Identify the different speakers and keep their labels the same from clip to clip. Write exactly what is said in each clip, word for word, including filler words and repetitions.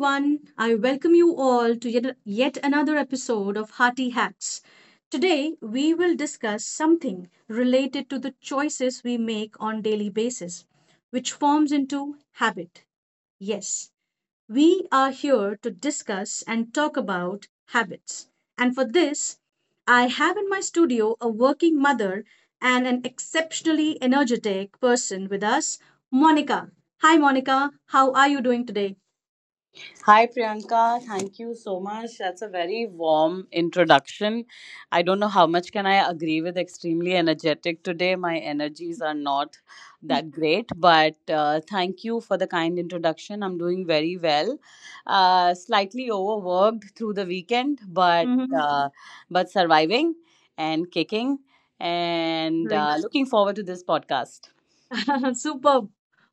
Speaker 1: Everyone. I welcome you all to yet, yet another episode of Hearty Hacks. Today, we will discuss something related to the choices we make on daily basis, which forms into habit. Yes, we are here to discuss and talk about habits. And for this, I have in my studio a working mother and an exceptionally energetic person with us, Monica. Hi, Monica. How are you doing today?
Speaker 2: Hi, Priyanka. Thank you so much. That's a very warm introduction. I don't know how much can I agree with extremely energetic today. My energies are not that great, but uh, thank you for the kind introduction. I'm doing very well. Uh, slightly overworked through the weekend, but uh, but surviving and kicking and
Speaker 1: Right.
Speaker 2: uh, looking forward to this podcast.
Speaker 1: Superb.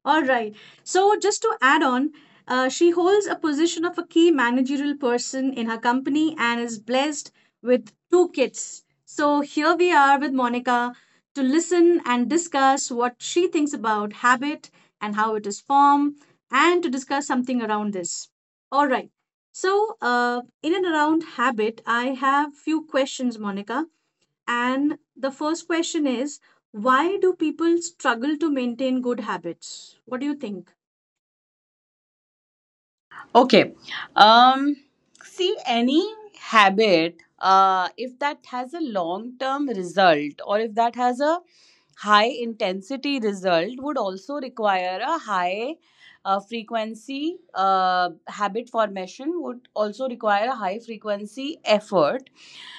Speaker 1: All right. So, just to add on, uh, she holds a position of a key managerial person in her company and is blessed with two kids. So, here we are with Monica to listen and discuss what she thinks about habit and how it is formed and to discuss something around this. All right. So, uh, in and around habit, I have few questions, Monica. And the first question is why do people struggle to maintain good habits? What do you think?
Speaker 2: Okay. Um, See, any habit, uh, if that has a long term result or if that has a high intensity result, would also require a high uh, frequency uh, habit formation, would also require a high frequency effort.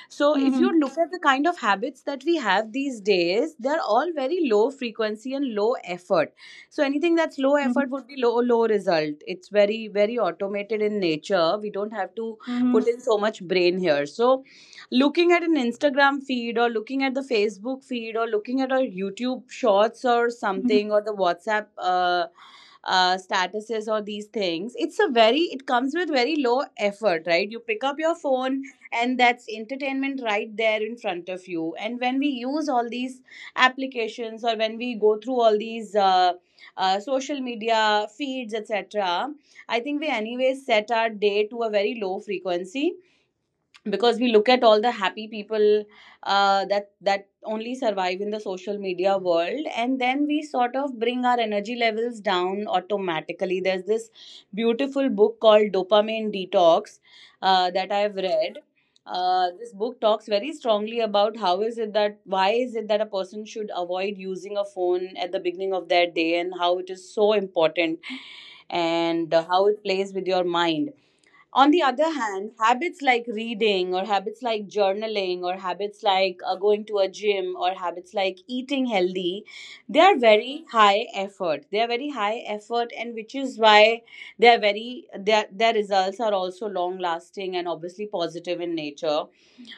Speaker 2: So, if you
Speaker 1: Mm-hmm.
Speaker 2: look at the kind of habits that we have these days, they're all very low frequency and low effort, so anything that's low
Speaker 1: Mm-hmm.
Speaker 2: effort would be low low result. It's very very automated in nature. We don't have to
Speaker 1: Mm-hmm.
Speaker 2: put in so much brain here. So looking at an Instagram feed or looking at the Facebook feed or looking at our YouTube shorts or something or the WhatsApp uh, uh, statuses or these things, it's a very, it comes with very low effort, right? You pick up your phone and that's entertainment right there in front of you. And when we use all these applications or when we go through all these uh, uh, social media feeds, et cetera. I think we, anyways, set our day to a very low frequency because we look at all the happy people uh, that that only survive in the social media world, and then we sort of bring our energy levels down automatically. There's this beautiful book called Dopamine Detox uh, that I've read. Uh, this book talks very strongly about how is it that why is it that a person should avoid using a phone at the beginning of their day and how it is so important and uh, how it plays with your mind. On the other hand, habits like reading or habits like journaling or habits like uh, going to a gym or habits like eating healthy, they are very high effort. They are very high effort, and which is why they are very their their results are also long lasting and obviously positive in nature.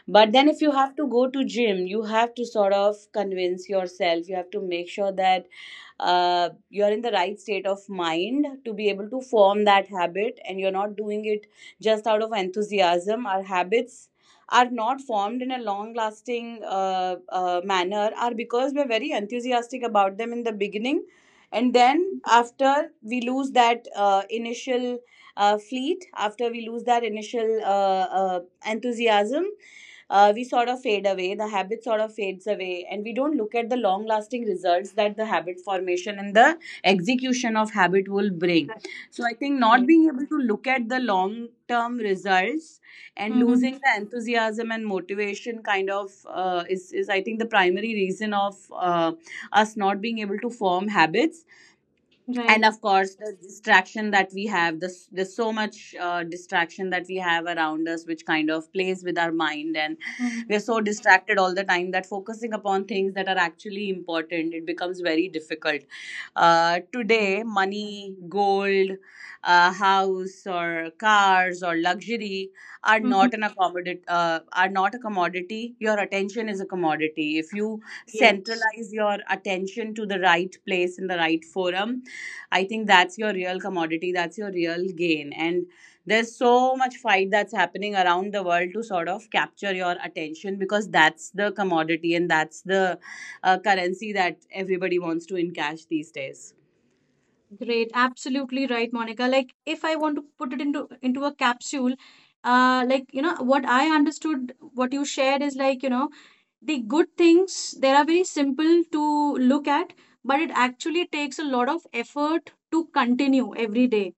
Speaker 2: But then, if you have to go to gym, you have to sort of convince yourself. You have to make sure that uh, you're in the right state of mind to be able to form that habit and you're not doing it just out of enthusiasm. Our habits are not formed in a long lasting uh, uh, manner are because we're very enthusiastic about them in the beginning, and then after we lose that uh, initial uh, fleet, after we lose that initial uh, uh, enthusiasm, uh, we sort of fade away, the habit sort of fades away, and we don't look at the long lasting results that the habit formation and the execution of habit will bring.
Speaker 1: Right.
Speaker 2: So I think not
Speaker 1: Right.
Speaker 2: being able to look at the long term results and losing
Speaker 1: Mhm.
Speaker 2: the enthusiasm and motivation kind of uh, is, is I think the primary reason of uh, us not being able to form habits, and
Speaker 1: Right.
Speaker 2: of course the distraction that we have. This, there's so much uh, distraction that we have around us, which kind of plays with our mind, and
Speaker 1: Mhm.
Speaker 2: we're so distracted all the time that focusing upon things that are actually important, it becomes very difficult. Uh,
Speaker 1: Right.
Speaker 2: today money, gold, uh, house or cars or luxury are
Speaker 1: Mhm.
Speaker 2: not an accommodate, uh, are not a commodity. Your attention is a commodity. If you
Speaker 1: Yes.
Speaker 2: centralize your attention to the right place in the right forum, I think that's your real commodity, that's your real gain. And there's so much fight that's happening around the world to sort of capture your attention because that's the commodity and that's the uh, currency that everybody wants to encash these days.
Speaker 1: Great, absolutely right, Monica. Like if I want to put it into into a capsule, uh, like you know what I understood, what you shared is, like, you know the good things, they are very simple to look at, but it actually takes a lot of effort to continue every day.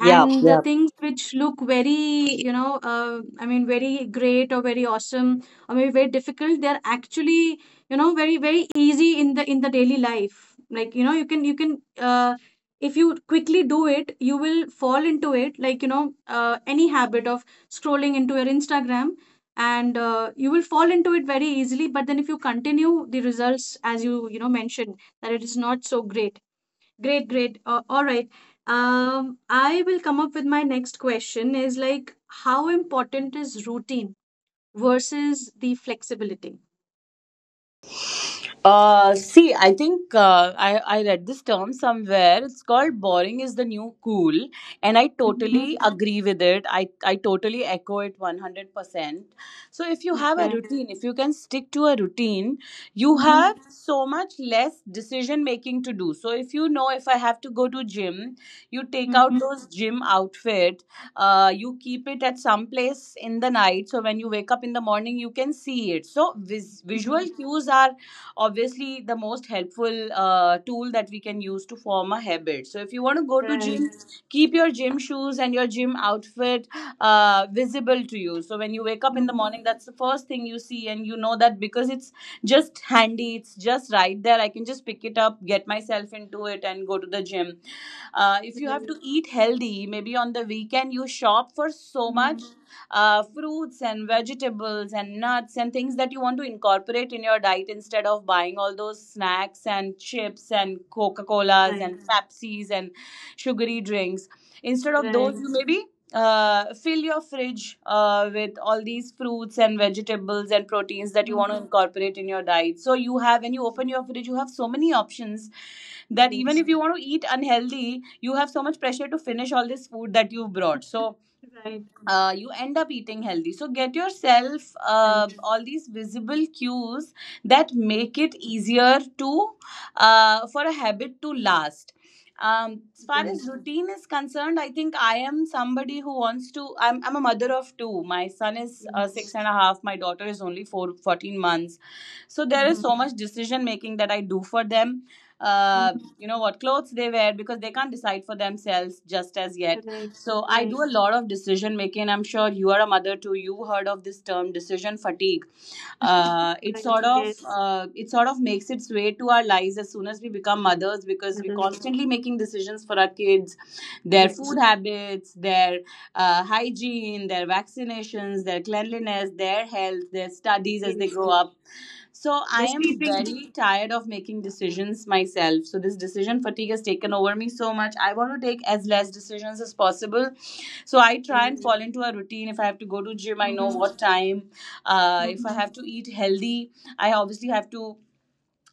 Speaker 2: Yeah.
Speaker 1: the things which look very you know uh, I mean very great or very awesome or maybe very difficult, they're actually you know very very easy in the in the daily life. Like you know you can you can uh, if you quickly do it, you will fall into it, like you know uh, any habit of scrolling into your Instagram and uh, you will fall into it very easily. But then if you continue, the results, as you you know mentioned, that it is not so great. Great, great. Uh, all right. Um, I will come up with my next question, is like, how important is routine versus the flexibility?
Speaker 2: Uh, see, I think uh, I, I read this term somewhere. It's called boring is the new cool. And I
Speaker 1: Mm-hmm.
Speaker 2: totally agree with it. I, I totally echo it one hundred percent. So, if you have a
Speaker 1: Okay.
Speaker 2: routine, if you can stick to a routine, you
Speaker 1: Mm-hmm.
Speaker 2: have so much less decision making to do. So, if you know if I have to go to gym, you take out
Speaker 1: Mm-hmm.
Speaker 2: those gym outfit, uh, you keep it at some place in the night. So, when you wake up in the morning, you can see it. So, vis-
Speaker 1: Mm-hmm.
Speaker 2: visual cues are obviously the most helpful uh, tool that we can use to form a habit. So if you want to go to
Speaker 1: Right.
Speaker 2: gym, keep your gym shoes and your gym outfit uh, visible to you, so when you wake up in the
Speaker 1: Mhm.
Speaker 2: morning that's the first thing you see, and you know that because it's just handy, it's just right there, I can just pick it up, get myself into it and go to the gym. Uh, if you have
Speaker 1: Right.
Speaker 2: to eat healthy, maybe on the weekend you shop for so much
Speaker 1: Mm.
Speaker 2: uh, fruits and vegetables and nuts and things that you want to incorporate in your diet, instead of buying all those snacks and chips and Coca Colas
Speaker 1: Right.
Speaker 2: and Pepsis and sugary drinks. Instead of those,
Speaker 1: Right.
Speaker 2: you maybe uh, fill your fridge uh, with all these fruits and vegetables and proteins that you
Speaker 1: Mm.
Speaker 2: want to incorporate in your diet. So you have, when you open your fridge, you have so many options that even
Speaker 1: Yes.
Speaker 2: if you want to eat unhealthy, you have so much pressure to finish all this food that you've brought. So
Speaker 1: Right.
Speaker 2: uh, you end up eating healthy. So get yourself
Speaker 1: Right.
Speaker 2: uh, all these visible cues that make
Speaker 1: Mm.
Speaker 2: it easier to uh, for a habit to last. Um, as far
Speaker 1: Right.
Speaker 2: as routine is concerned, I think I am somebody who wants to. I'm, I'm a mother of two. My son is uh,
Speaker 1: Yes.
Speaker 2: six and a half. My daughter is only four fourteen months. So there is
Speaker 1: Mm-hmm.
Speaker 2: so much decision making that I do for them. Uh,
Speaker 1: Mm-hmm.
Speaker 2: you know, what clothes they wear because they can't decide for themselves just as yet,
Speaker 1: Right.
Speaker 2: so I
Speaker 1: Right.
Speaker 2: do a lot of decision making. I'm sure you are a mother too. You heard of this term, decision fatigue. Uh, it
Speaker 1: Right.
Speaker 2: sort of
Speaker 1: Yes.
Speaker 2: uh, it sort of makes its way to our lives as soon as we become mothers, because we're
Speaker 1: Mother.
Speaker 2: constantly making decisions for our kids, their
Speaker 1: Yes.
Speaker 2: food habits, their uh, hygiene, their vaccinations, their cleanliness, their health, their studies as they
Speaker 1: Yes.
Speaker 2: grow up. So I
Speaker 1: The
Speaker 2: am
Speaker 1: sleeping.
Speaker 2: very tired of making
Speaker 1: Yeah.
Speaker 2: decisions myself. So this decision fatigue has taken over me so much, I want to take as less decisions as possible. So I try and
Speaker 1: Right.
Speaker 2: fall into a routine. If I have to go to gym, I know
Speaker 1: Mm-hmm.
Speaker 2: what time. Uh, if I have
Speaker 1: Mhm,
Speaker 2: to eat healthy, I obviously have to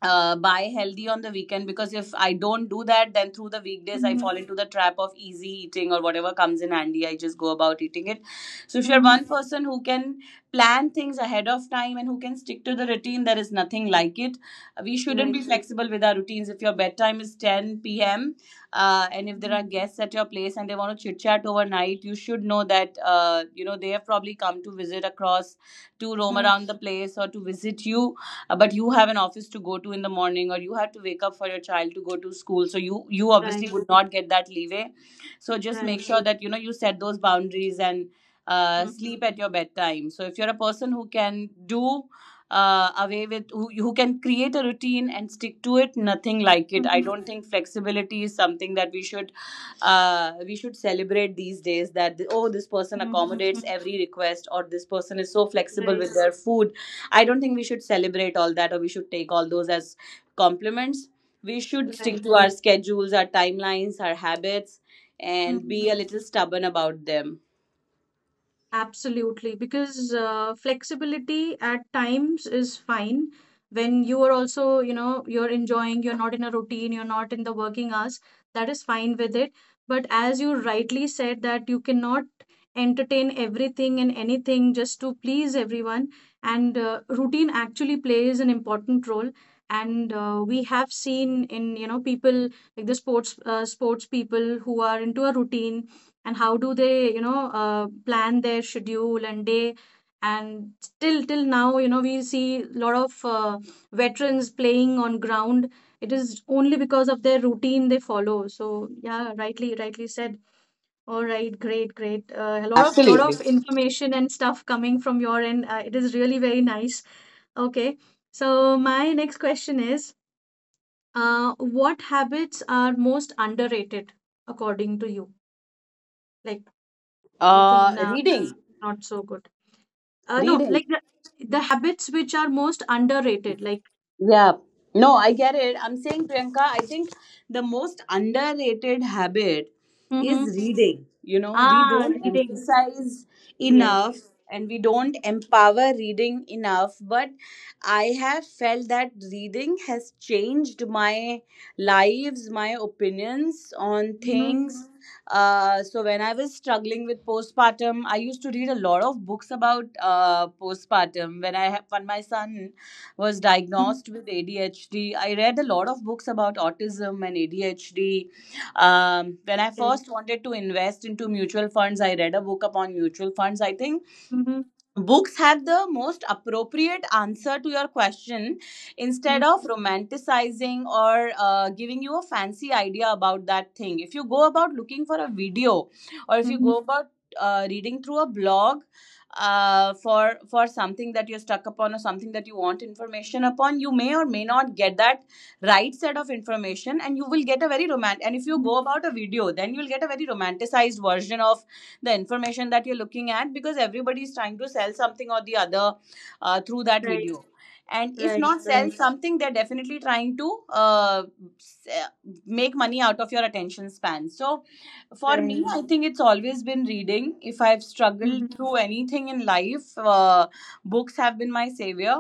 Speaker 2: uh, buy healthy on the weekend, because if I don't do that, then through the weekdays I
Speaker 1: mhm,
Speaker 2: fall into the trap of easy eating or whatever comes in handy. I just go about eating it. So if you're
Speaker 1: mhm.
Speaker 2: one person who can plan things ahead of time and who can stick to the routine, there is nothing like it. Uh, We shouldn't be
Speaker 1: Right.
Speaker 2: flexible with our routines. If your bedtime is ten p m. Uh, and if there
Speaker 1: Mhm,
Speaker 2: are guests at your place and they want to chit chat overnight, you should know that uh, you know they have probably come to visit across, to roam
Speaker 1: mhm.
Speaker 2: around the place or to visit you, uh, but you have an office to go to in the morning or you have to wake up for your child to go to school, so you you obviously
Speaker 1: Right.
Speaker 2: would not get that leeway. So just make
Speaker 1: Right.
Speaker 2: sure that you know you set those boundaries and uh,
Speaker 1: Mhm,
Speaker 2: sleep at your bedtime. So if you're a person who can do uh, away with who, who can create a routine and stick to it, nothing like it. I
Speaker 1: mhm,
Speaker 2: don't think flexibility is something that we should uh, we should celebrate these days, that the- oh this person
Speaker 1: mhm,
Speaker 2: accommodates
Speaker 1: mhm.
Speaker 2: every request, or this person is so flexible
Speaker 1: Right.
Speaker 2: with their food. I don't think we should celebrate all that or we should take all those as compliments. We should stick
Speaker 1: Right.
Speaker 2: to our schedules, our timelines, our habits and be a
Speaker 1: Mhm.
Speaker 2: little stubborn about them.
Speaker 1: Absolutely, because uh, flexibility at times is fine when you are also, you know, you're enjoying, you're not in a routine, you're not in the working hours, that is fine with it. But as you rightly said, that you cannot entertain everything and anything just to please everyone, and uh, routine actually plays an important role. And uh, we have seen in, you know, people like the sports uh, sports people, who are into a routine and how do they you know uh, plan their schedule and day, and till till now you know we see a lot of uh, veterans playing on ground. It is only because of their routine they follow. So yeah, rightly rightly said. All right. Great, great. uh, a lot of lot
Speaker 2: Absolutely.
Speaker 1: of information and stuff coming from your end, uh, it is really very nice. Okay, so my next question is, uh, what habits are most underrated according to you, like we think
Speaker 2: uh
Speaker 1: now
Speaker 2: reading
Speaker 1: not so good. Uh, no,
Speaker 2: reading
Speaker 1: like the, the habits which are most underrated, like
Speaker 2: Yeah. No, I get it. I'm saying, Priyanka, I think the most underrated habit is
Speaker 1: Mm-hmm.
Speaker 2: reading. You know, we
Speaker 1: Ah,
Speaker 2: don't
Speaker 1: reading.
Speaker 2: emphasize
Speaker 1: Yes.
Speaker 2: enough and we don't empower reading enough. But I have felt that reading has changed my lives, my opinions on
Speaker 1: Mm-hmm.
Speaker 2: things. Uh, so when I was struggling with postpartum, I used to read a lot of books about uh, postpartum. When I had, when my son was
Speaker 1: Mm-hmm.
Speaker 2: diagnosed with A D H D, I read a lot of books about autism and A D H D. Um, when I
Speaker 1: Okay.
Speaker 2: first wanted to invest into mutual funds, I read a book upon mutual funds. I think
Speaker 1: Mm-hmm.
Speaker 2: books have the most appropriate answer to your question, instead of
Speaker 1: Mm-hmm.
Speaker 2: romanticizing or uh, giving you a fancy idea about that thing. If you go about looking for a video, or if you
Speaker 1: Mm-hmm.
Speaker 2: go about uh, reading through a blog uh, for for something that you're stuck upon, or something that you want information upon, you may or may not get that right set of information, and you will get a very romantic. And if you go about a video, then you'll get a very romanticized version of the information that you're looking at, because everybody is trying to sell something or the other uh, through that
Speaker 1: Right.
Speaker 2: video. And if
Speaker 1: Right.
Speaker 2: not sell
Speaker 1: Right.
Speaker 2: something, they're definitely trying to uh, s- uh, make money out of your attention span. So for
Speaker 1: Right.
Speaker 2: me, I think it's always been reading. If I've
Speaker 1: Mm-hmm.
Speaker 2: struggled through anything in life, uh, books have been my savior.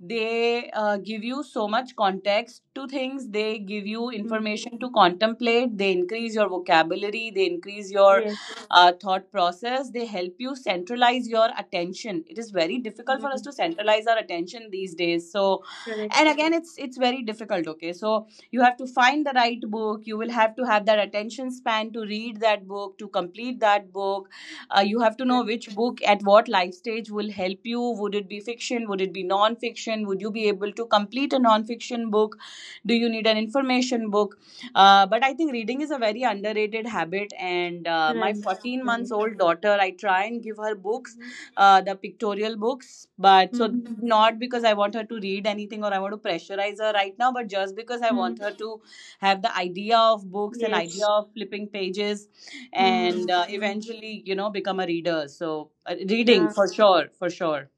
Speaker 2: They uh, give you so much context to things, they give you
Speaker 1: Mm-hmm.
Speaker 2: information to contemplate, they increase your vocabulary, they increase your
Speaker 1: Yes.
Speaker 2: uh, thought process, they help you
Speaker 1: Mm-hmm.
Speaker 2: centralize your attention. It is very difficult for us
Speaker 1: Mm-hmm.
Speaker 2: to centralize our attention these days. So,
Speaker 1: Correct.
Speaker 2: and again, it's it's very difficult. Okay, so you have to find the right book. You will have to have that attention span to read that book, to complete that book. Uh, you have to know
Speaker 1: Right.
Speaker 2: which book at what life stage will help you. Would it be fiction? Would it be non-fiction? Would you be able to complete a non-fiction book? Do you need an information book? Uh, but I think reading is a very underrated habit, and uh, my
Speaker 1: Right.
Speaker 2: fourteen months
Speaker 1: Right.
Speaker 2: old daughter, I try and give her books,
Speaker 1: Mm-hmm.
Speaker 2: uh, the pictorial books. But so,
Speaker 1: Mm-hmm.
Speaker 2: not because I want her to read anything or I want to pressurize her right now, but just because I want
Speaker 1: Mm-hmm.
Speaker 2: her to have the idea of books and idea
Speaker 1: Yes.
Speaker 2: of flipping pages, and
Speaker 1: Mm-hmm.
Speaker 2: uh,
Speaker 1: Mm-hmm.
Speaker 2: eventually, you know, become a reader. So, uh, reading,
Speaker 1: Yeah.
Speaker 2: for sure, for sure.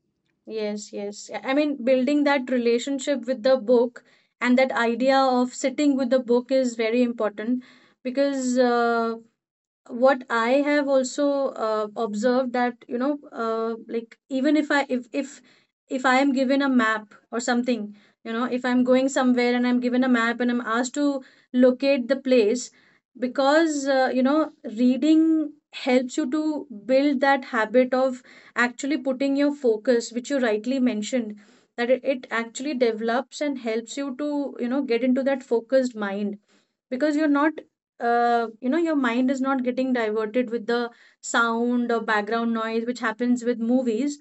Speaker 1: Yes, yes. I I mean, building that relationship with the book and that idea of sitting with the book is very important, because uh, what I have also uh, observed, that you know uh, like, even if i if if if i am given a map or something, you know if I'm going somewhere and I'm given a map and I'm asked to locate the place, because uh, you know reading helps you to build that habit of actually putting your focus, which you rightly mentioned, that it, it actually develops and helps you to you know get into that focused mind, because you're not uh, you know your mind is not getting diverted with the sound or background noise which happens with movies.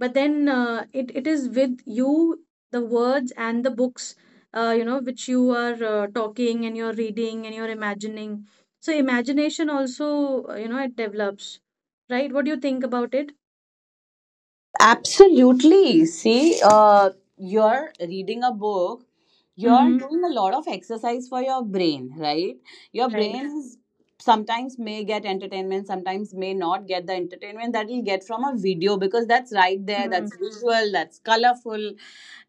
Speaker 1: But then, uh, it, it is with you, the words and the books, uh, you know which you are uh, talking and you're reading and you're imagining, so imagination also uh, you know it develops, right? What do you think about it?
Speaker 2: Absolutely. See, uh, you're reading a book, you're
Speaker 1: Mm-hmm.
Speaker 2: doing a lot of exercise for your brain, right? Your
Speaker 1: Right.
Speaker 2: brain is sometimes may get entertainment, sometimes may not get the entertainment that you'll get from a video, because that's right there,
Speaker 1: Mm.
Speaker 2: that's visual, that's colorful,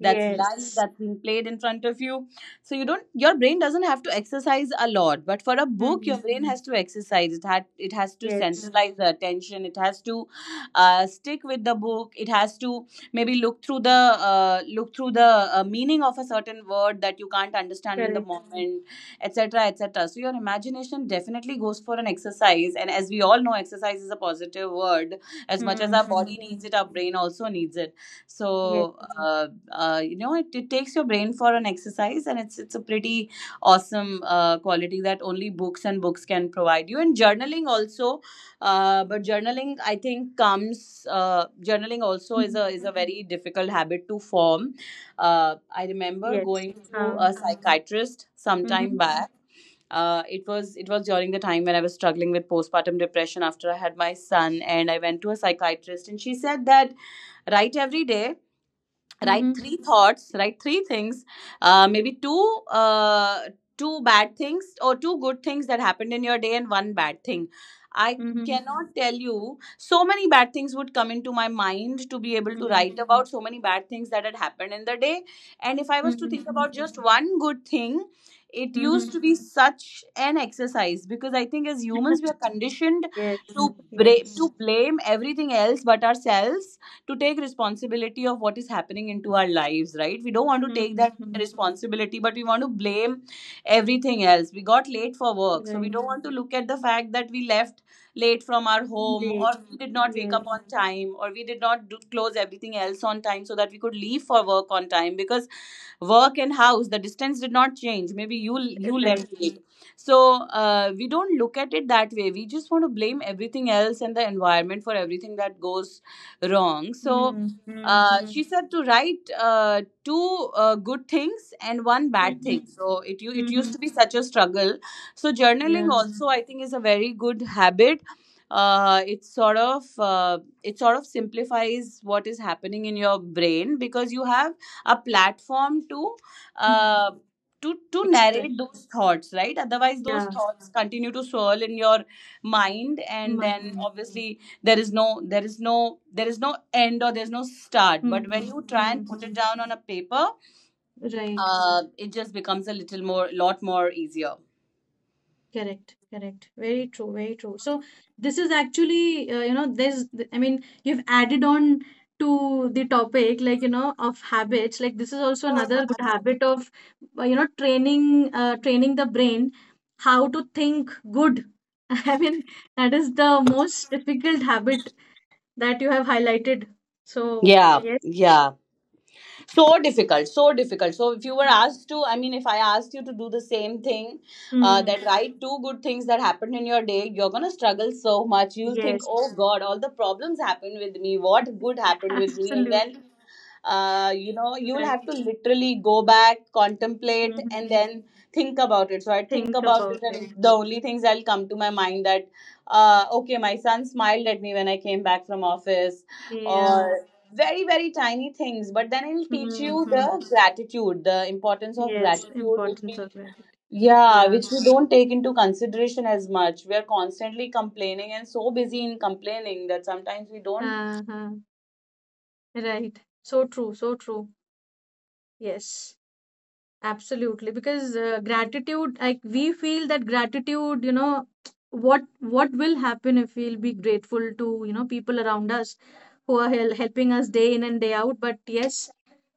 Speaker 2: that's live, that's being played in front of you, so you don't, your brain doesn't have to exercise a lot. But for a book, your
Speaker 1: Mm.
Speaker 2: brain has to exercise. It had it has to
Speaker 1: Yes.
Speaker 2: centralize the attention. It has to uh, stick with the book. It has to maybe look through the uh, look through the uh, meaning of a certain word that you can't understand in the
Speaker 1: Correct.
Speaker 2: moment, etc, etc. So your imagination definitely goes for an exercise. And as we all know, exercise is a positive word. As much as our body
Speaker 1: Mm-hmm.
Speaker 2: needs it, our brain also needs it.
Speaker 1: Yes.
Speaker 2: So, uh, uh, you know it, it takes your brain for an exercise, and it's it's a pretty awesome uh, quality that only books and books can provide you. And journaling also, uh, but journaling I think comes uh, journaling also is
Speaker 1: Mm.
Speaker 2: a is a very difficult habit to form. Uh, I remember
Speaker 1: Yes.
Speaker 2: going to
Speaker 1: uh,
Speaker 2: a psychiatrist sometime
Speaker 1: mm-hmm.
Speaker 2: back. Uh, it was it was during the time when I was struggling with postpartum depression after I had my son, and I went to a psychiatrist, and she said that, write every day, write
Speaker 1: Mm-hmm.
Speaker 2: three thoughts, write three things. Uh, maybe two, uh, two bad things or two good things that happened in your day, and one bad thing. I
Speaker 1: Mm-hmm.
Speaker 2: cannot tell you, so many bad things would come into my mind, to be able to
Speaker 1: Mm-hmm.
Speaker 2: write about so many bad things that had happened in the day. And if I was to think about
Speaker 1: Mm-hmm.
Speaker 2: just one good thing, it used
Speaker 1: Mm-hmm.
Speaker 2: to be such an exercise, because I think as humans we are conditioned
Speaker 1: Yes.
Speaker 2: to bra- to
Speaker 1: Yes.
Speaker 2: blame everything else but ourselves, to take responsibility of what is happening into our lives, right? We don't want to take that
Speaker 1: Mm-hmm.
Speaker 2: responsibility, but we want to blame everything else. We got late for work, so we
Speaker 1: Right.
Speaker 2: don't want to look at the fact that we left late from our home,
Speaker 1: Right.
Speaker 2: or we did not wake
Speaker 1: Yes.
Speaker 2: up on time, or we did not do, close everything else on time so that we could leave for work on time. Because work and house, the distance did not change. Maybe you you left
Speaker 1: Right.
Speaker 2: late. So uh, we don't look at it that way. We just want to blame everything else and the environment for everything that goes wrong. So
Speaker 1: Mm-hmm.
Speaker 2: uh,
Speaker 1: Mm-hmm.
Speaker 2: she said to write uh, two uh, good things and one bad
Speaker 1: Mm-hmm.
Speaker 2: thing. So it u- it
Speaker 1: Mm-hmm.
Speaker 2: used to be such a struggle. So journaling
Speaker 1: Yeah.
Speaker 2: also, I think, is a very good habit. uh, it sort of uh, it sort of simplifies what is happening in your brain, because you have a platform to
Speaker 1: Mm-hmm.
Speaker 2: uh, to to narrate
Speaker 1: Express.
Speaker 2: those thoughts, right? Otherwise those
Speaker 1: Yeah.
Speaker 2: thoughts continue to swirl in your mind, and then
Speaker 1: Mind.
Speaker 2: obviously there is no there is no there is no end, or there's no start. But when
Speaker 1: Mm-hmm.
Speaker 2: you try and put
Speaker 1: Mm-hmm.
Speaker 2: it down on a paper,
Speaker 1: Right.
Speaker 2: uh, it just becomes a little more, lot more easier.
Speaker 1: Correct, correct. Very true, very true. So this is actually, uh, you know, there's, I mean, you've added on to the topic, like, you know, of habits. Like this is also another good habit of, uh, you know, training, uh, training the brain how to think good. I mean, that is the most difficult habit that you have highlighted. So
Speaker 2: Yeah,
Speaker 1: yes,
Speaker 2: yeah, so difficult, so difficult. So if you were asked to, I mean, if I asked you to do the same thing, uh,
Speaker 1: mm,
Speaker 2: that write two good things that happened in your day, you're gonna struggle so much. You'll think,
Speaker 1: yes,
Speaker 2: oh God, all the problems happened with me, what good happened with me? And
Speaker 1: absolutely
Speaker 2: then, uh, you know you'll
Speaker 1: right.
Speaker 2: have to literally go back, contemplate and
Speaker 1: Mhm.
Speaker 2: then think about it. So I think
Speaker 1: Think
Speaker 2: about it,
Speaker 1: about it.
Speaker 2: and the only things that'll come to my mind, that, uh, okay, my son smiled at me when I came back from office,
Speaker 1: Yeah.
Speaker 2: or very, very tiny things. But then it'll teach you
Speaker 1: Mm-hmm.
Speaker 2: the gratitude, the importance of
Speaker 1: Yes,
Speaker 2: gratitude, which
Speaker 1: importance
Speaker 2: we,
Speaker 1: of gratitude.
Speaker 2: yeah,
Speaker 1: Yeah.
Speaker 2: which we don't take into consideration as much. We are constantly complaining, and so busy in complaining that sometimes we don't
Speaker 1: Uh-huh. Right. So true. So true. Yes, absolutely. Because uh, gratitude, like we feel that gratitude, you know, what what will happen if we'll be grateful to, you know, people around us who are hel helping us day in and day out. But yes,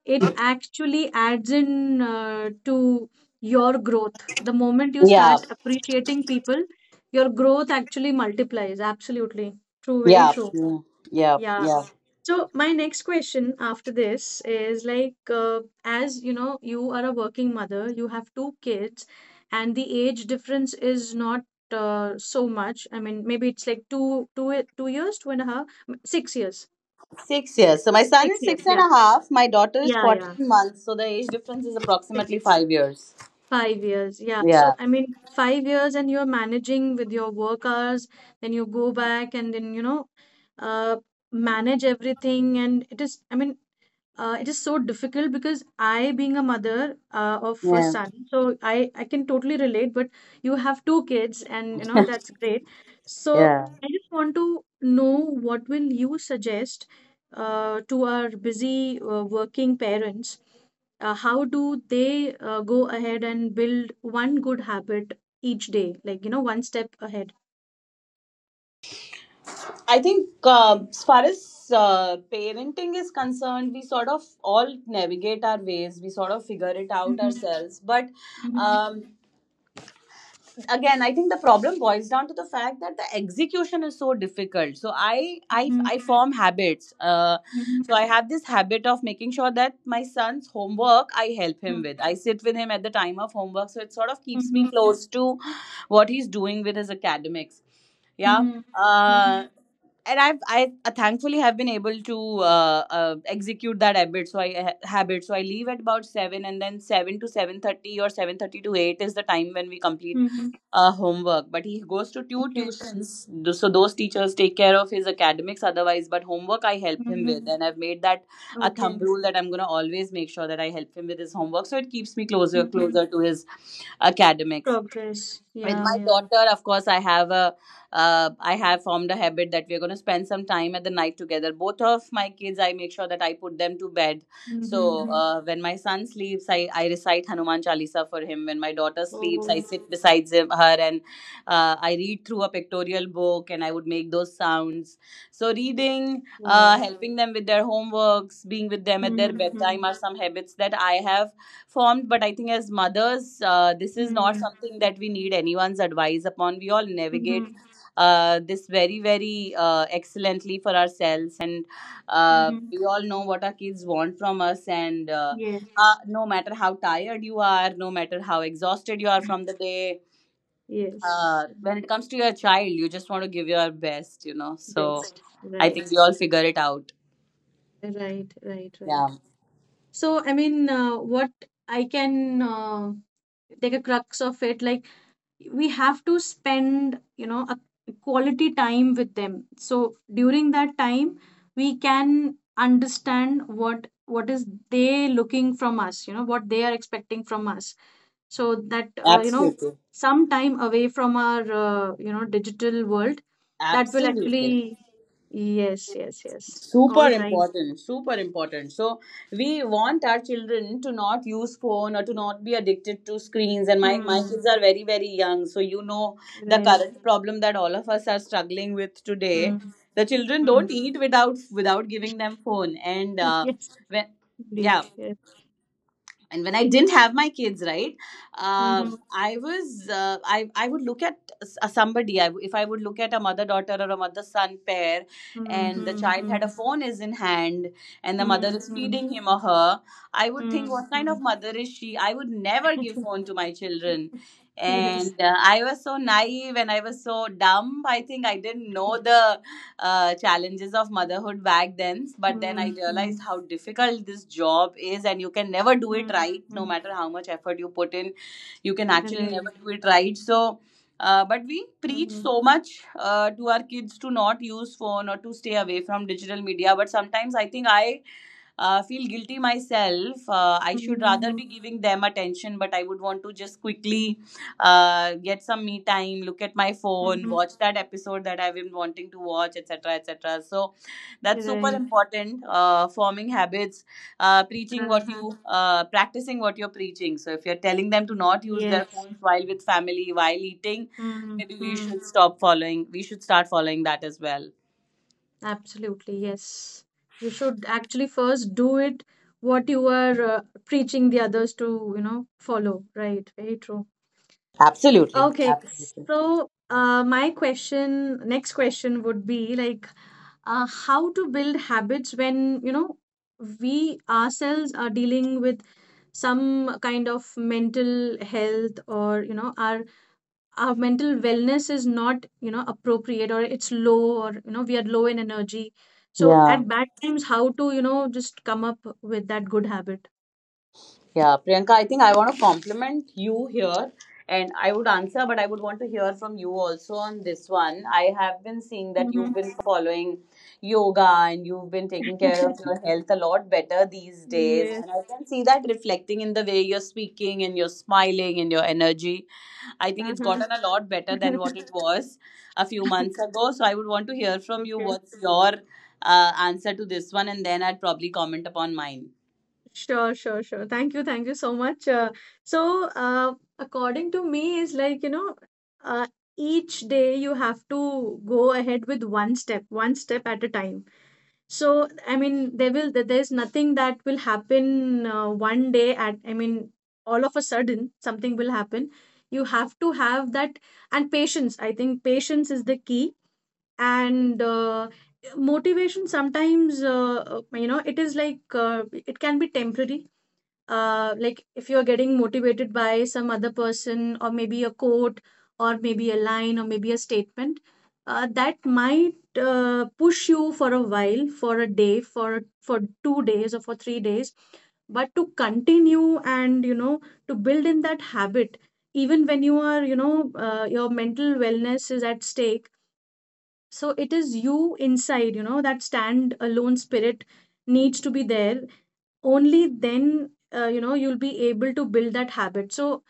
Speaker 1: it actually adds in, uh, to your growth. The moment you
Speaker 3: Yeah,
Speaker 1: start appreciating people, your growth actually multiplies. Absolutely true, very
Speaker 3: yeah,
Speaker 1: true.
Speaker 3: mm, yeah,
Speaker 1: Yeah.
Speaker 3: yeah.
Speaker 1: So my next question after this is, like, uh, as you know, you are a working mother, you have two kids, and the age difference is not uh, so much. I mean, maybe it's like two, two, two years, two and a half, m- six years,
Speaker 3: Six years. So my son
Speaker 1: six
Speaker 3: is
Speaker 1: years.
Speaker 3: six and
Speaker 1: Yeah,
Speaker 3: a half. My daughter is
Speaker 1: yeah, yeah.
Speaker 3: fourteen months. So the age difference is approximately
Speaker 1: Six.
Speaker 3: five years.
Speaker 1: Five years, yeah.
Speaker 3: Yeah,
Speaker 1: So, I mean, five years, and you're managing with your work hours, then you go back and then, you know, uh, manage everything. And it is, I mean, uh, it is so difficult, because I, being a mother uh, of a
Speaker 3: yeah,
Speaker 1: son, so I I can totally relate. But you have two kids, and you know that's great. So
Speaker 3: yeah.
Speaker 1: I just want to know, what will you suggest uh, to our busy uh, working parents? Uh, how do they uh, go ahead and build one good habit each day, like you know, one step ahead?
Speaker 3: I think uh, as far as uh, parenting is concerned, we sort of all navigate our ways. We sort of figure it out
Speaker 1: Mm-hmm,
Speaker 3: ourselves. But um,
Speaker 1: mm-hmm,
Speaker 3: again, I think the problem boils down to the fact that the execution is so difficult. So i i,
Speaker 1: mm-hmm,
Speaker 3: I form habits. Uh,
Speaker 1: mm-hmm,
Speaker 3: so I have this habit of making sure that my son's homework I help him with. I sit with him at the time of homework, so it sort of keeps me
Speaker 1: mm-hmm,
Speaker 3: close to what he's doing with his academics, yeah.
Speaker 1: mm-hmm,
Speaker 3: uh,
Speaker 1: mm-hmm,
Speaker 3: and I've I uh, thankfully have been able to uh, uh, execute that habit. So I ha- habit. So I leave at about seven, and then seven to seven thirty or seven thirty to eight is the time when we complete
Speaker 1: mm-hmm.
Speaker 3: uh, homework. But he goes to two tuitions. Th- so those teachers take care of his academics otherwise. But homework, I help him with,
Speaker 1: Mhm.
Speaker 3: and I've made that a thumb
Speaker 1: Okay.
Speaker 3: rule that I'm going to always make sure that I help him with his homework, so it keeps me closer
Speaker 1: Mhm.
Speaker 3: closer to his academics.
Speaker 1: Progress.
Speaker 3: With
Speaker 1: Yeah,
Speaker 3: my
Speaker 1: yeah.
Speaker 3: daughter, of course, i have a uh, I have formed a habit that we're going to spend some time at the night together. Both of my kids, I make sure that I put them to bed. So
Speaker 1: Mm-hmm.
Speaker 3: uh, when my son sleeps, I, I recite Hanuman Chalisa for him. When my daughter sleeps, I
Speaker 1: Oh,
Speaker 3: sit beside him, her, and uh, I read through a pictorial book, and I would make those sounds. So reading, uh,
Speaker 1: wow.
Speaker 3: helping them with their homeworks, being with them at their bedtime
Speaker 1: Mm-hmm.
Speaker 3: are some habits that I have formed. But I think as mothers, uh, this is not
Speaker 1: Mm-hmm.
Speaker 3: something that we need anyone's advice upon. We all navigate
Speaker 1: Mm-hmm.
Speaker 3: uh, this very, very uh, excellently for ourselves, and uh,
Speaker 1: Mm-hmm.
Speaker 3: we all know what our kids want from us. And uh, uh,
Speaker 1: Yes.
Speaker 3: no matter how tired you are, no matter how exhausted you are from the day,
Speaker 1: Yes.
Speaker 3: uh, when it comes to your child, you just want to give your best you know So
Speaker 1: Best.
Speaker 3: I
Speaker 1: Right.
Speaker 3: think we all figure it out,
Speaker 1: Right. Right.
Speaker 3: yeah.
Speaker 1: Right. So, I mean, uh, what I can uh, take a crux of it, like we have to spend, you know a quality time with them, so during that time we can understand what what is they looking from us, you know what they are expecting from us, so that uh, you know
Speaker 3: Absolutely,
Speaker 1: some time away from our uh, you know digital world, that will
Speaker 3: absolutely.
Speaker 1: actually. Yes, yes, yes.
Speaker 3: Super
Speaker 1: All right.
Speaker 3: important, super important. So we want our children to not use phone or to not be addicted to screens, and my my
Speaker 1: Hmm.
Speaker 3: kids are very, very young. So, you know, the
Speaker 1: Right.
Speaker 3: current problem that all of us are struggling with today,
Speaker 1: Hmm.
Speaker 3: the children
Speaker 1: Hmm.
Speaker 3: don't eat without without giving them phone. And uh,
Speaker 1: Yes,
Speaker 3: when
Speaker 1: indeed.
Speaker 3: yeah,
Speaker 1: Yes.
Speaker 3: and when I didn't have my kids, right, uh,
Speaker 1: Mm-hmm.
Speaker 3: i was uh, I, I would look at s- uh, somebody. I, w- if I would look at a mother daughter or a mother son pair,
Speaker 1: Mm-hmm.
Speaker 3: and the
Speaker 1: Hmm,
Speaker 3: child
Speaker 1: hmm.
Speaker 3: had a phone is in hand, and the mother
Speaker 1: Mm-hmm.
Speaker 3: is
Speaker 1: Mm-hmm.
Speaker 3: feeding him or her, I would think,
Speaker 1: Mm,
Speaker 3: what kind of
Speaker 1: mm.
Speaker 3: mother is she? I would never give phone to my children,
Speaker 1: Yes.
Speaker 3: and uh, I was so naive, and I was so dumb. I think I didn't know the uh, challenges of motherhood back then. But then I
Speaker 1: Mm,
Speaker 3: realized
Speaker 1: mm,
Speaker 3: how difficult this job is, and you can never do it
Speaker 1: mm,
Speaker 3: right, no
Speaker 1: mm.
Speaker 3: matter how much effort you put in. You can actually never
Speaker 1: Right.
Speaker 3: do it right. So, uh, but we preach
Speaker 1: Mm,
Speaker 3: so much uh, to our kids to not use phone or to stay away from digital media. But sometimes I think I uh, feel guilty myself. Uh, I should rather
Speaker 1: mm-hmm,
Speaker 3: be giving them attention, but I would want to just quickly uh, get some me time, look at my phone,
Speaker 1: mm-hmm.
Speaker 3: watch that episode that I've been wanting to watch, et cetera, et cetera. So that's super
Speaker 1: Right.
Speaker 3: important. Uh, forming habits, uh, preaching what
Speaker 1: Uh-huh.
Speaker 3: you, uh, practicing what you're preaching. So if you're telling them to not use their
Speaker 1: Yes.
Speaker 3: phones while with family, while eating,
Speaker 1: Mm,
Speaker 3: maybe we
Speaker 1: mm.
Speaker 3: should stop following. We should start following that as well.
Speaker 1: Absolutely. Yes. You should actually first do it, what you are uh, preaching the others to, you know, follow. Right. Very true.
Speaker 3: Absolutely.
Speaker 1: Okay.
Speaker 3: Absolutely.
Speaker 1: So, uh, my question, next question would be, like, uh, how to build habits when, you know we ourselves are dealing with some kind of mental health, or you know our our mental wellness is not, you know appropriate, or it's low, or you know we are low in energy, so
Speaker 3: Yeah.
Speaker 1: at bad times how to, you know just come up with that good habit.
Speaker 3: Yeah, Priyanka, I think I want to compliment you here, and I would answer, but I would want to hear from you also on this one. I have been seeing that you've been following yoga, and you've been taking care of your
Speaker 1: Mm-hmm.
Speaker 3: health a lot better these days.
Speaker 1: Yes.
Speaker 3: And I can see that reflecting in the way you're speaking and you're smiling and your energy. I think it's
Speaker 1: Uh-huh.
Speaker 3: gotten a lot better than what it was a few months ago. So I would want to hear from you
Speaker 1: Okay.
Speaker 3: what's your uh, answer to this one, and then I'd probably comment upon mine.
Speaker 1: Sure, sure, sure. Thank you, thank you so much. Uh, so, uh, according to me, is like, you know, uh, each day you have to go ahead with one step, one step at a time. So, I mean, there will, there- there's nothing that will happen, uh, one day at, I mean, all of a sudden something will happen. You have to have that, and patience. I think patience is the key. And uh, motivation sometimes, uh, uh, you know, it is like uh, it can be temporary, uh, like if you're getting motivated by some other person or maybe a quote or maybe a line or maybe a statement, uh, that might uh, push you for a while, for a day, for for two days or for three days, but to continue and you know to build in that habit even when you are you know uh, your mental wellness is at stake. So it is you inside, you know that stand alone spirit needs to be there. Only then uh, you know you'll be able to build that habit. So,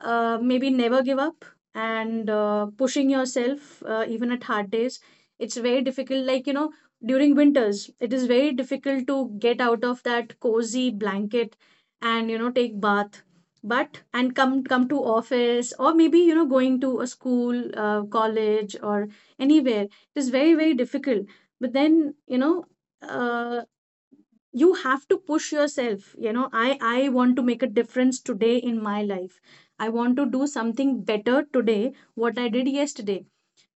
Speaker 1: uh, maybe never give up and, uh, pushing yourself uh, even at hard days. It's very difficult. Like, you know during winters it is very difficult to get out of that cozy blanket and you know take bath, but and come come to office or maybe, you know going to a school, uh, college or anywhere. It is very, very difficult, but then, you know uh, you have to push yourself. You know i i want to make a difference today in my life. I want to do something better today what I did yesterday.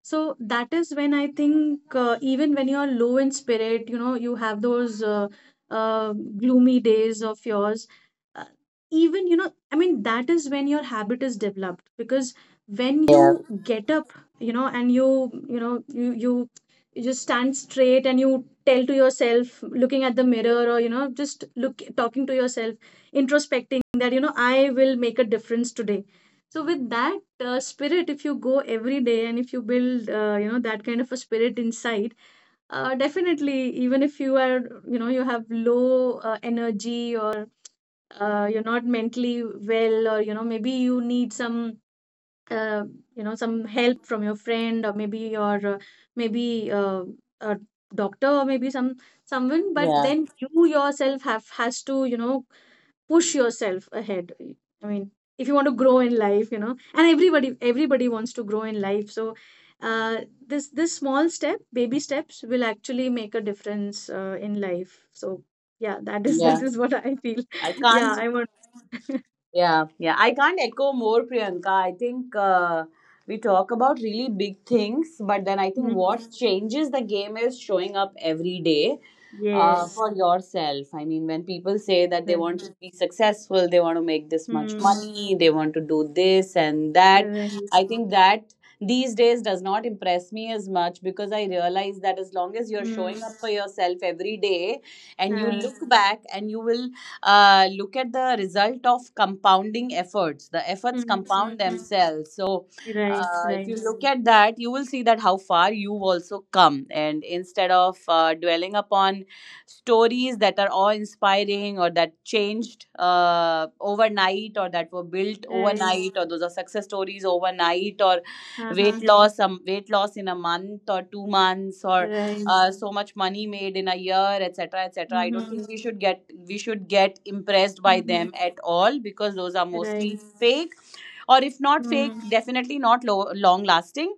Speaker 1: So that is when I think, uh, even when you're low in spirit, you know, you have those uh, uh, gloomy days of yours. Uh, Even, you know, I mean, that is when your habit is developed, because when
Speaker 3: Yeah,
Speaker 1: you get up, you know, and you, you know, you, you, you just stand straight and you tell to yourself, looking at the mirror, or, you know, just look, talking to yourself, introspecting that, you know, I will make a difference today. So with that, uh, spirit, if you go every day and if you build uh, you know that kind of a spirit inside, uh, definitely even if you are you know you have low uh, energy or uh, you're not mentally well, or you know maybe you need some, uh, you know some help from your friend, or maybe your uh, maybe uh, a doctor or maybe some someone. But
Speaker 3: yeah,
Speaker 1: then you yourself have has to, you know push yourself ahead. I mean, if you want to grow in life, you know and everybody everybody wants to grow in life. So, uh, this this small step, baby steps will actually make a difference, uh, in life. So yeah, that is
Speaker 3: yeah.
Speaker 1: that is what I feel.
Speaker 3: I
Speaker 1: Yeah,
Speaker 3: can't.
Speaker 1: I want.
Speaker 3: Yeah, yeah. I can't echo more, Priyanka. I think, uh, we talk about really big things, but then I think
Speaker 1: Mm,
Speaker 3: what changes the game is showing up every day uh,
Speaker 1: yes,
Speaker 3: for yourself. I mean, when people say that they
Speaker 1: right.
Speaker 3: want to be successful, they want to make this much
Speaker 1: Hmm.
Speaker 3: money, they want to do this and that,
Speaker 1: Right.
Speaker 3: I think that these days does not impress me as much, because I realize that as long as you're showing
Speaker 1: Hmm.
Speaker 3: up for yourself every day and you
Speaker 1: uh,
Speaker 3: look back, and you will uh, look at the result of compounding efforts, the efforts
Speaker 1: hmm, hmm,
Speaker 3: compound
Speaker 1: hmm.
Speaker 3: themselves. So,
Speaker 1: Right,
Speaker 3: uh, if you
Speaker 1: right,
Speaker 3: look at that, you will see that how far you also come. And instead of uh, dwelling upon stories that are awe inspiring or that changed uh, overnight or that were built
Speaker 1: right.
Speaker 3: overnight or those are success stories overnight or
Speaker 1: Uh-huh.
Speaker 3: weight loss, um, weight loss in a month or two months or
Speaker 1: Right.
Speaker 3: uh, so much money made in a year, et cetera., et cetera., I don't
Speaker 1: Mm-hmm.
Speaker 3: think we should get we should get impressed by
Speaker 1: Mm-hmm.
Speaker 3: them at all, because those are mostly
Speaker 1: Right.
Speaker 3: fake, or if not fake,
Speaker 1: Hmm.
Speaker 3: definitely not lo- long lasting.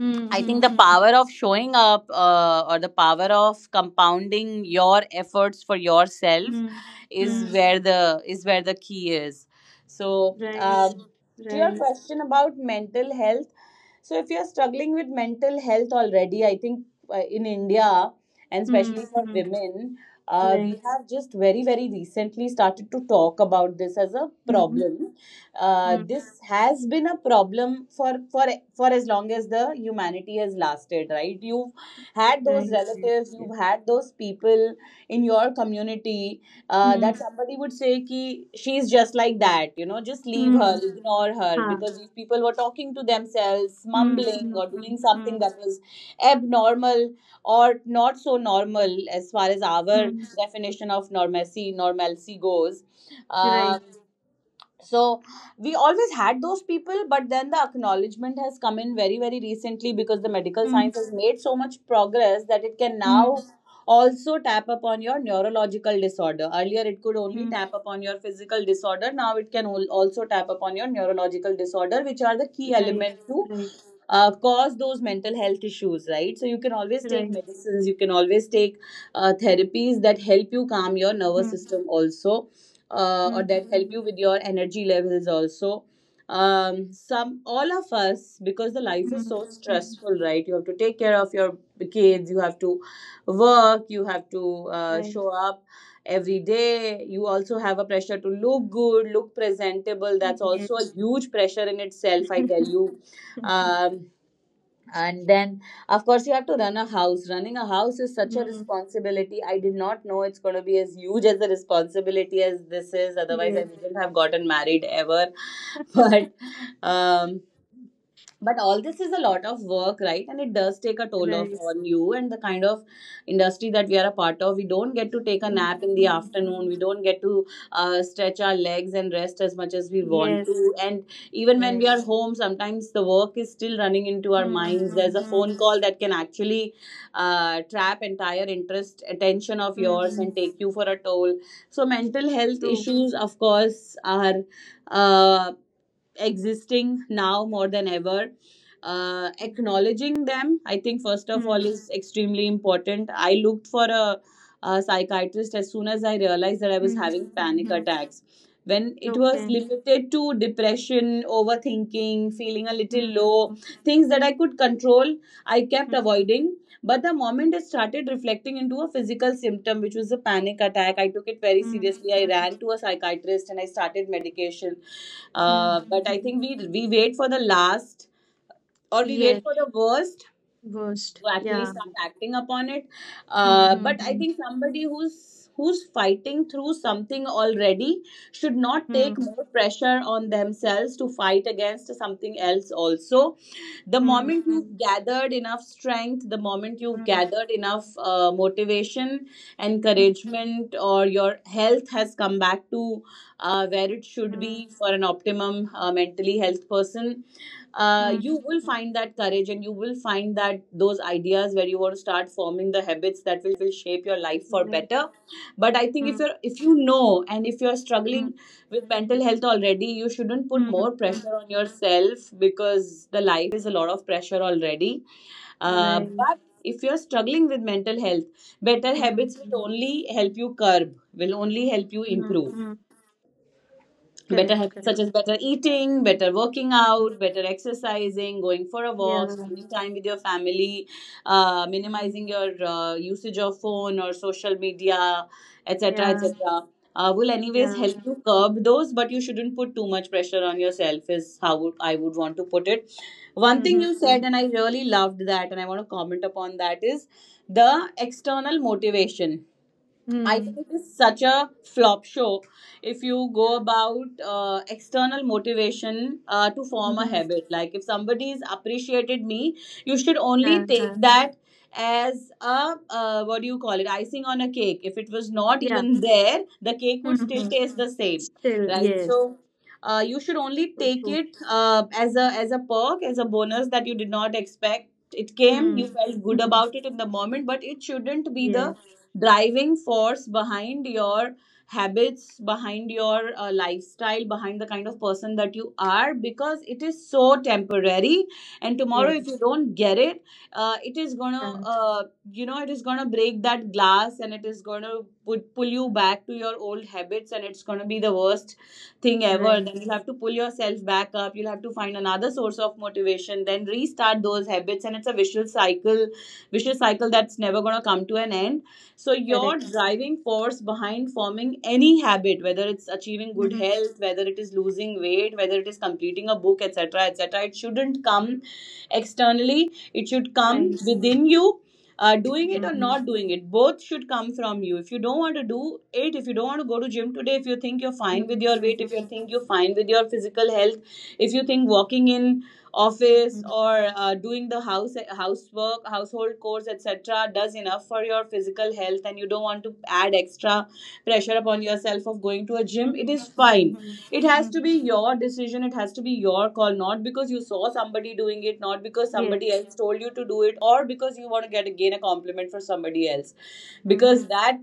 Speaker 1: Hmm.
Speaker 3: I
Speaker 1: Hmm.
Speaker 3: think the
Speaker 1: Hmm.
Speaker 3: power of showing up, uh, or the power of compounding your efforts for yourself
Speaker 1: Hmm.
Speaker 3: is
Speaker 1: Hmm.
Speaker 3: where the is where the key is. So,
Speaker 1: Right,
Speaker 3: um, to your
Speaker 1: right.
Speaker 3: question about mental health, so if you're struggling with mental health already, I think, uh, in India and
Speaker 1: Hmm.
Speaker 3: especially for
Speaker 1: Hmm.
Speaker 3: women, uh, we
Speaker 1: Right.
Speaker 3: have just very, very recently started to talk about this as a
Speaker 1: Hmm.
Speaker 3: problem. Uh,
Speaker 1: Hmm.
Speaker 3: this has been a problem for for for as long as the humanity has lasted, right? You've had those
Speaker 1: Right. Yes,
Speaker 3: relatives,
Speaker 1: yes.
Speaker 3: you've had those people in your community uh, that
Speaker 1: Hmm.
Speaker 3: somebody would say, ki she's just like that, you know just leave her,
Speaker 1: Hmm.
Speaker 3: ignore her,
Speaker 1: Ha.
Speaker 3: because if people were talking to themselves,
Speaker 1: Hmm.
Speaker 3: mumbling,
Speaker 1: Hmm.
Speaker 3: or
Speaker 1: Hmm.
Speaker 3: doing
Speaker 1: Hmm.
Speaker 3: something that was abnormal or not so normal as far as our
Speaker 1: Mm,
Speaker 3: definition of normalcy normalcy goes.
Speaker 1: right.
Speaker 3: Um, so we always had those people. But then the acknowledgement has come in very, very recently because the medical
Speaker 1: Hmm.
Speaker 3: science has made so much progress that it can now
Speaker 1: Hmm.
Speaker 3: also tap upon your neurological disorder. Earlier, it could only
Speaker 1: Hmm.
Speaker 3: tap upon your physical disorder. Now it can al- also tap upon your neurological disorder, which are the key
Speaker 1: Right,
Speaker 3: elements,
Speaker 1: right,
Speaker 3: uh, cause those mental health issues, right? So you can always take
Speaker 1: right.
Speaker 3: medicines, you can always take uh, therapies that help you calm your nervous
Speaker 1: Hmm.
Speaker 3: system also, uh, or
Speaker 1: Hmm.
Speaker 3: that help
Speaker 1: Hmm.
Speaker 3: you with your energy levels also. Um, some All of us, because the life is
Speaker 1: Hmm.
Speaker 3: so
Speaker 1: Mm,
Speaker 3: stressful, right? You have to take care of your kids, you have to work, you have to uh,
Speaker 1: right.
Speaker 3: show up every day. You also have a pressure to look good, look presentable. That's also a
Speaker 1: Yes.
Speaker 3: huge pressure in itself, I tell you. Um, and then, of course, you have to run a house. Running a house is such a
Speaker 1: Hmm.
Speaker 3: responsibility. I did not know it's going to be as huge as the responsibility as this is, otherwise I
Speaker 1: Yes,
Speaker 3: wouldn't have gotten married ever. but um but all this is a lot of work, right? And it does take a toll of
Speaker 1: right.
Speaker 3: on you. And the kind of industry that we are a part of, we don't get to take a
Speaker 1: Hmm.
Speaker 3: nap in the
Speaker 1: Hmm.
Speaker 3: afternoon,
Speaker 1: Mm,
Speaker 3: we don't get to uh, stretch our legs and rest as much as we want
Speaker 1: yes,
Speaker 3: to. And even when we
Speaker 1: right.
Speaker 3: are home, sometimes the work is still running into our
Speaker 1: Hmm.
Speaker 3: minds.
Speaker 1: Hmm.
Speaker 3: There's a
Speaker 1: Hmm.
Speaker 3: phone call that can actually uh, trap entire interest attention of yours
Speaker 1: Mm,
Speaker 3: and take you for a toll. So mental health
Speaker 1: true.
Speaker 3: issues, of course, are uh, existing now more than ever. uh,
Speaker 1: Hmm.
Speaker 3: acknowledging them, I think, first of all,
Speaker 1: Hmm.
Speaker 3: is extremely important. I looked for a, a psychiatrist as soon as I realized that I was
Speaker 1: Mm,
Speaker 3: having panic
Speaker 1: mhm.
Speaker 3: attacks. When it was
Speaker 1: Okay.
Speaker 3: limited to depression, overthinking, feeling a little
Speaker 1: Mm,
Speaker 3: low,
Speaker 1: mm.
Speaker 3: things that I could control, I kept
Speaker 1: Hmm.
Speaker 3: avoiding. But the moment it started reflecting into a physical symptom, which was a panic attack, I took it very
Speaker 1: Hmm.
Speaker 3: seriously. I
Speaker 1: Hmm.
Speaker 3: ran to a psychiatrist and I started medication.
Speaker 1: Hmm.
Speaker 3: Uh, but I
Speaker 1: Mhm.
Speaker 3: think we we wait for the last, or we wait for
Speaker 1: Yes,
Speaker 3: the worst,
Speaker 1: worst.
Speaker 3: to actually
Speaker 1: Yeah.
Speaker 3: start acting upon it.
Speaker 1: Hmm.
Speaker 3: Uh, but I
Speaker 1: Hmm.
Speaker 3: think somebody who's who's fighting through something already should not take
Speaker 1: Hmm.
Speaker 3: more pressure on themselves to fight against something else also. The
Speaker 1: Hmm.
Speaker 3: moment you've gathered enough strength, the moment you've
Speaker 1: Hmm.
Speaker 3: gathered enough uh, motivation,
Speaker 1: Hmm.
Speaker 3: encouragement, or your health has come back to uh, where it should
Speaker 1: Hmm.
Speaker 3: be for an optimum uh, mentally health person,
Speaker 1: Hmm.
Speaker 3: uh,
Speaker 1: Hmm.
Speaker 3: you
Speaker 1: Mm,
Speaker 3: will
Speaker 1: mm,
Speaker 3: find that courage and you will find that those ideas where you want to start forming the habits that will shape your life for
Speaker 1: right.
Speaker 3: better. But I think if
Speaker 1: Hmm.
Speaker 3: you're if you know and if you're
Speaker 1: Hmm.
Speaker 3: struggling with mental health already, you shouldn't put
Speaker 1: Hmm.
Speaker 3: more
Speaker 1: Mm,
Speaker 3: pressure on yourself because the life is a lot of pressure already. uh,
Speaker 1: right.
Speaker 3: but if you're struggling with mental health, better
Speaker 1: Hmm.
Speaker 3: habits
Speaker 1: Hmm.
Speaker 3: will only help you curb, will only help you
Speaker 1: Hmm.
Speaker 3: improve.
Speaker 1: Mm.
Speaker 3: Better
Speaker 1: Correct,
Speaker 3: habits such
Speaker 1: correct.
Speaker 3: as better eating, better working
Speaker 1: Hmm.
Speaker 3: out, better exercising, going for a walk,
Speaker 1: Yeah.
Speaker 3: spending time with your family, uh,
Speaker 1: Hmm.
Speaker 3: minimizing your uh, usage of phone or social media, etc.,
Speaker 1: Yeah.
Speaker 3: etc., uh, will anyways
Speaker 1: Yeah.
Speaker 3: help you curb those, but you shouldn't put too much pressure on yourself is how would- I would want to put it. One thing
Speaker 1: Hmm.
Speaker 3: you
Speaker 1: Hmm.
Speaker 3: said, and I really loved that, and I want to comment upon that, is the external motivation. I think
Speaker 1: Hmm.
Speaker 3: it is such a flop show if you go about uh, external motivation uh, to
Speaker 1: Hmm.
Speaker 3: form a
Speaker 1: Hmm.
Speaker 3: habit. Like if somebody has appreciated me, you should only take
Speaker 1: Uh-huh.
Speaker 3: that as a, uh, what do you call it, icing on a cake. If it was not
Speaker 1: Yeah.
Speaker 3: even there, the cake
Speaker 1: Hmm.
Speaker 3: would still
Speaker 1: Hmm.
Speaker 3: taste the same,
Speaker 1: Still,
Speaker 3: right?
Speaker 1: yes.
Speaker 3: So. Uh, you should only
Speaker 1: So
Speaker 3: take
Speaker 1: true.
Speaker 3: it uh, as a as a perk, as a bonus that you did not expect. It came,
Speaker 1: Hmm.
Speaker 3: you felt good about it in the moment, but it shouldn't be the
Speaker 1: Yes.
Speaker 3: driving force behind your habits, behind your uh, lifestyle, behind the kind of person that you are, because it is so temporary, and tomorrow if
Speaker 1: Yes.
Speaker 3: you don't get it, uh, it is gonna
Speaker 1: Uh,
Speaker 3: uh, you know it is gonna break that glass, and it is gonna put, pull you back to your old habits, and it's gonna be the worst thing ever.
Speaker 1: right.
Speaker 3: Then you'll have to pull yourself back up, you'll have to find another source of motivation, then restart those habits. And it's a vicious cycle, vicious cycle, that's never going to come to an end. So your
Speaker 1: Correct.
Speaker 3: driving force behind forming any habit, whether it's achieving good
Speaker 1: Mhm.
Speaker 3: health, whether it is losing weight, whether it is completing a book, et cetera, et cetera, it shouldn't come externally, it should come
Speaker 1: Right.
Speaker 3: within you. Uh, doing it
Speaker 1: Mm-hmm.
Speaker 3: or
Speaker 1: Hmm.
Speaker 3: not doing it, both should come from you. If you don't want to do it, if you don't want to go to gym today, if you think you're fine
Speaker 1: Mm-hmm.
Speaker 3: with your weight, if you
Speaker 1: Mm-hmm.
Speaker 3: think you're fine with your physical health, if you think walking in office or uh, doing the house housework, household chores, etc., does enough for your physical health, and you don't want to add extra pressure upon yourself of going to a gym, it
Speaker 1: Mm-hmm.
Speaker 3: is
Speaker 1: Mm-hmm.
Speaker 3: fine. It has to be
Speaker 1: Mm-hmm.
Speaker 3: your decision, it has to be your call. Not because you saw somebody doing it, not because
Speaker 1: Yes.
Speaker 3: somebody else told you to do it, or because you want to get again a compliment for somebody else,
Speaker 1: Mm-hmm.
Speaker 3: because that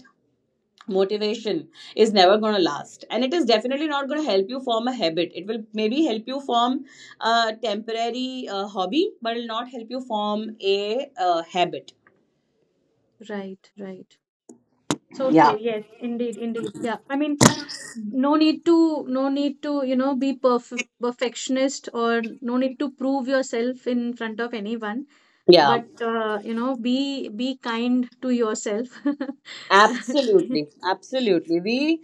Speaker 3: motivation is never going to last, and it is definitely not going to help you form a habit. It will maybe help you form a temporary uh, hobby, but it will not help you form a uh, habit.
Speaker 1: Right. Right. So
Speaker 3: Yeah,
Speaker 1: true. Yes. Indeed. Indeed. Yeah. I mean, no need to, no need to, you know, be perf- perfectionist, or no need to prove yourself in front of anyone.
Speaker 3: yeah.
Speaker 1: But, uh, you know, be be kind to yourself.
Speaker 3: Absolutely, absolutely. We,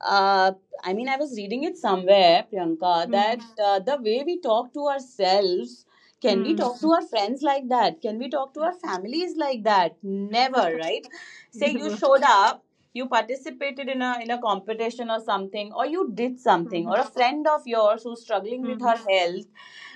Speaker 3: uh, I mean, I was reading it somewhere, Priyanka, that
Speaker 1: Mhm,
Speaker 3: uh, the way we talk to ourselves, can we
Speaker 1: mhm,
Speaker 3: talk to our friends like that? Can we talk to our families like that? Never, right? Say
Speaker 1: di
Speaker 3: you
Speaker 1: ba?
Speaker 3: showed up, you participated in a in a competition or something, or you did something, or
Speaker 1: Mhm,
Speaker 3: a friend of yours who's struggling with
Speaker 1: mhm,
Speaker 3: her health,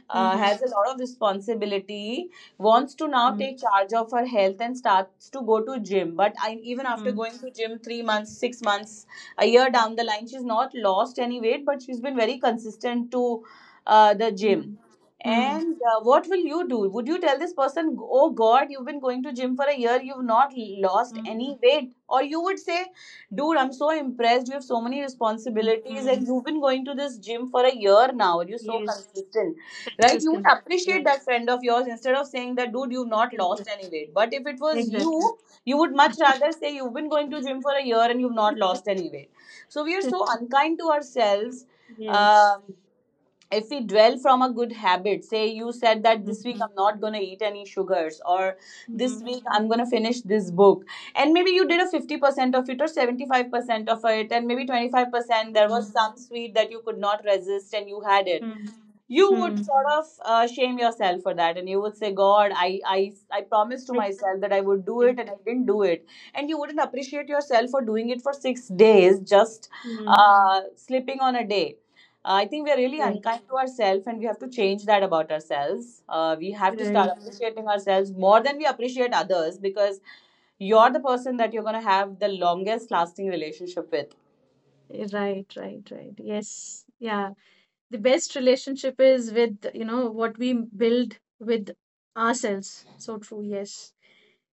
Speaker 3: uh,
Speaker 1: mhm,
Speaker 3: has a lot of responsibility, wants to now
Speaker 1: hmm,
Speaker 3: take charge of her health and starts to go to gym, but I, even after
Speaker 1: hmm,
Speaker 3: going to gym three months, six months, a year down the line, she's not lost any weight, but she's been very consistent to uh, the
Speaker 1: hmm,
Speaker 3: gym,
Speaker 1: hmm, hmm,
Speaker 3: and uh, what will you do? Would you tell this person, oh God, you've been going to gym for a year, you've not lost any
Speaker 1: hmm,
Speaker 3: weight? Or you would say, dude, I'm so impressed, you have so many responsibilities,
Speaker 1: hmm.
Speaker 3: and you've been going to this gym for a year now, you're so
Speaker 1: Yes,
Speaker 3: consistent, right? You would
Speaker 1: consistent. Yeah,
Speaker 3: appreciate that friend of yours instead of saying that, dude, you've not lost any
Speaker 1: exactly,
Speaker 3: weight. But if it was
Speaker 1: exactly.
Speaker 3: you you would much rather say you've been going to gym for a year and you've not lost any weight. So we are so unkind to ourselves.
Speaker 1: Yes.
Speaker 3: Um, if we dwell from a good habit, say you said that
Speaker 1: Mhm,
Speaker 3: this week I'm not going to eat any sugars, or this
Speaker 1: mhm,
Speaker 3: week I'm going to finish this book, and maybe you did a fifty percent of it or seventy-five percent of it, and maybe twenty-five percent there was
Speaker 1: mhm,
Speaker 3: some sweet that you could not resist and you had it,
Speaker 1: mhm,
Speaker 3: you would
Speaker 1: hmm.
Speaker 3: sort of uh, shame yourself for that, and you would say, God, I, I i promised to
Speaker 1: Right,
Speaker 3: myself that I would do it
Speaker 1: right,
Speaker 3: and I didn't do it. And you wouldn't appreciate yourself for doing it for six days, just
Speaker 1: hmm,
Speaker 3: uh, slipping on a day. I think we are really
Speaker 1: right,
Speaker 3: unkind to ourselves and we have to change that about ourselves. Uh, we have to start
Speaker 1: right,
Speaker 3: appreciating ourselves more than we appreciate others, because you're the person that you're going to have the longest lasting relationship with.
Speaker 1: right, right. Right. Yes, yeah. The best relationship is with, you know, what we build with ourselves. So true, yes.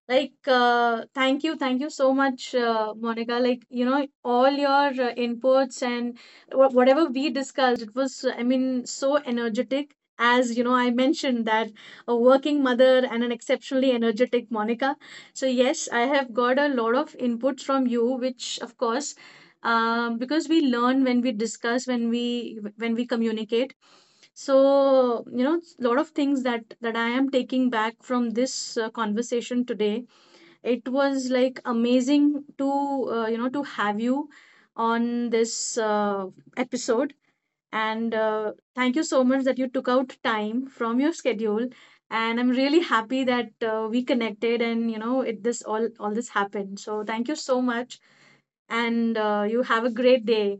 Speaker 1: Like, uh, thank you, thank you so much, uh, Monica. Like, you know, all your uh, inputs and wha- whatever we discussed, it was, I mean, so energetic. As you know, I mentioned that a working mother and an exceptionally energetic Monica. So, yes, I have got a lot of inputs from you, which, of course, um, because we learn when we discuss, when we when we communicate. So, you know, a lot of things that that I am taking back from this, uh, conversation today. It was like amazing to uh, you know to have you on this, uh, episode, and, uh, thank you so much that you took out time from your schedule. And I'm really happy that, uh, we connected and you know it this all all this happened. So thank you so much. And, uh, you have a great day.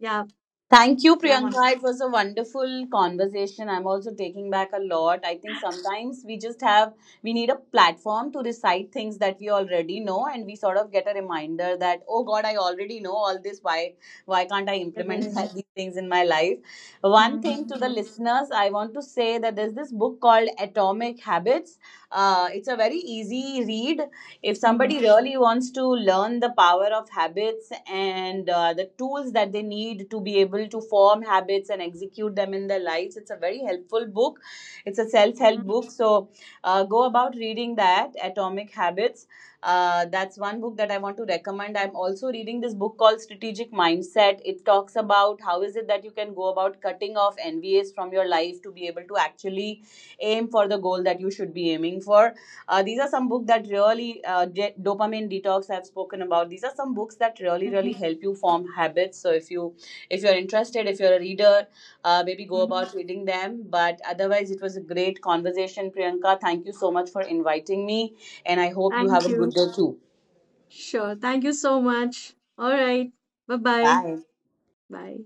Speaker 1: Yeah,
Speaker 3: Thank you,
Speaker 1: yeah, Monica.
Speaker 3: Priyanka. It was a wonderful conversation. I'm also taking back a lot. I think sometimes we just have, we need a platform to recite things that we already know, and we sort of get a reminder that, oh God, I already know all this. Why, why can't I implement that- these things in my life? One thing to the listeners, I want to say that there's this book called Atomic Habits. Uh, it's a very easy read if somebody really wants to learn the power of habits and uh, the tools that they need to be able to form habits and execute them in their lives. It's a very helpful book, it's a self-help book, so uh, go about reading that, Atomic Habits. Uh, that's one book that I want to recommend. I'm also reading this book called Strategic Mindset. It talks about how is it that you can go about cutting off nvas from your life to be able to actually aim for the goal that you should be aiming for. Uh, these are some books that really, uh, Dopamine Detox I've spoken about. These are some books that really, really help you form habits. So if you, if you're interested, if you're a reader, uh, maybe go about reading them. But otherwise, it was a great conversation, Priyanka. Thank you so much for inviting me, and I hope you
Speaker 1: Thank
Speaker 3: have a good
Speaker 1: you.
Speaker 3: day too.
Speaker 1: Sure, thank you so much. All right. Bye, bye,
Speaker 3: Bye.
Speaker 1: bye.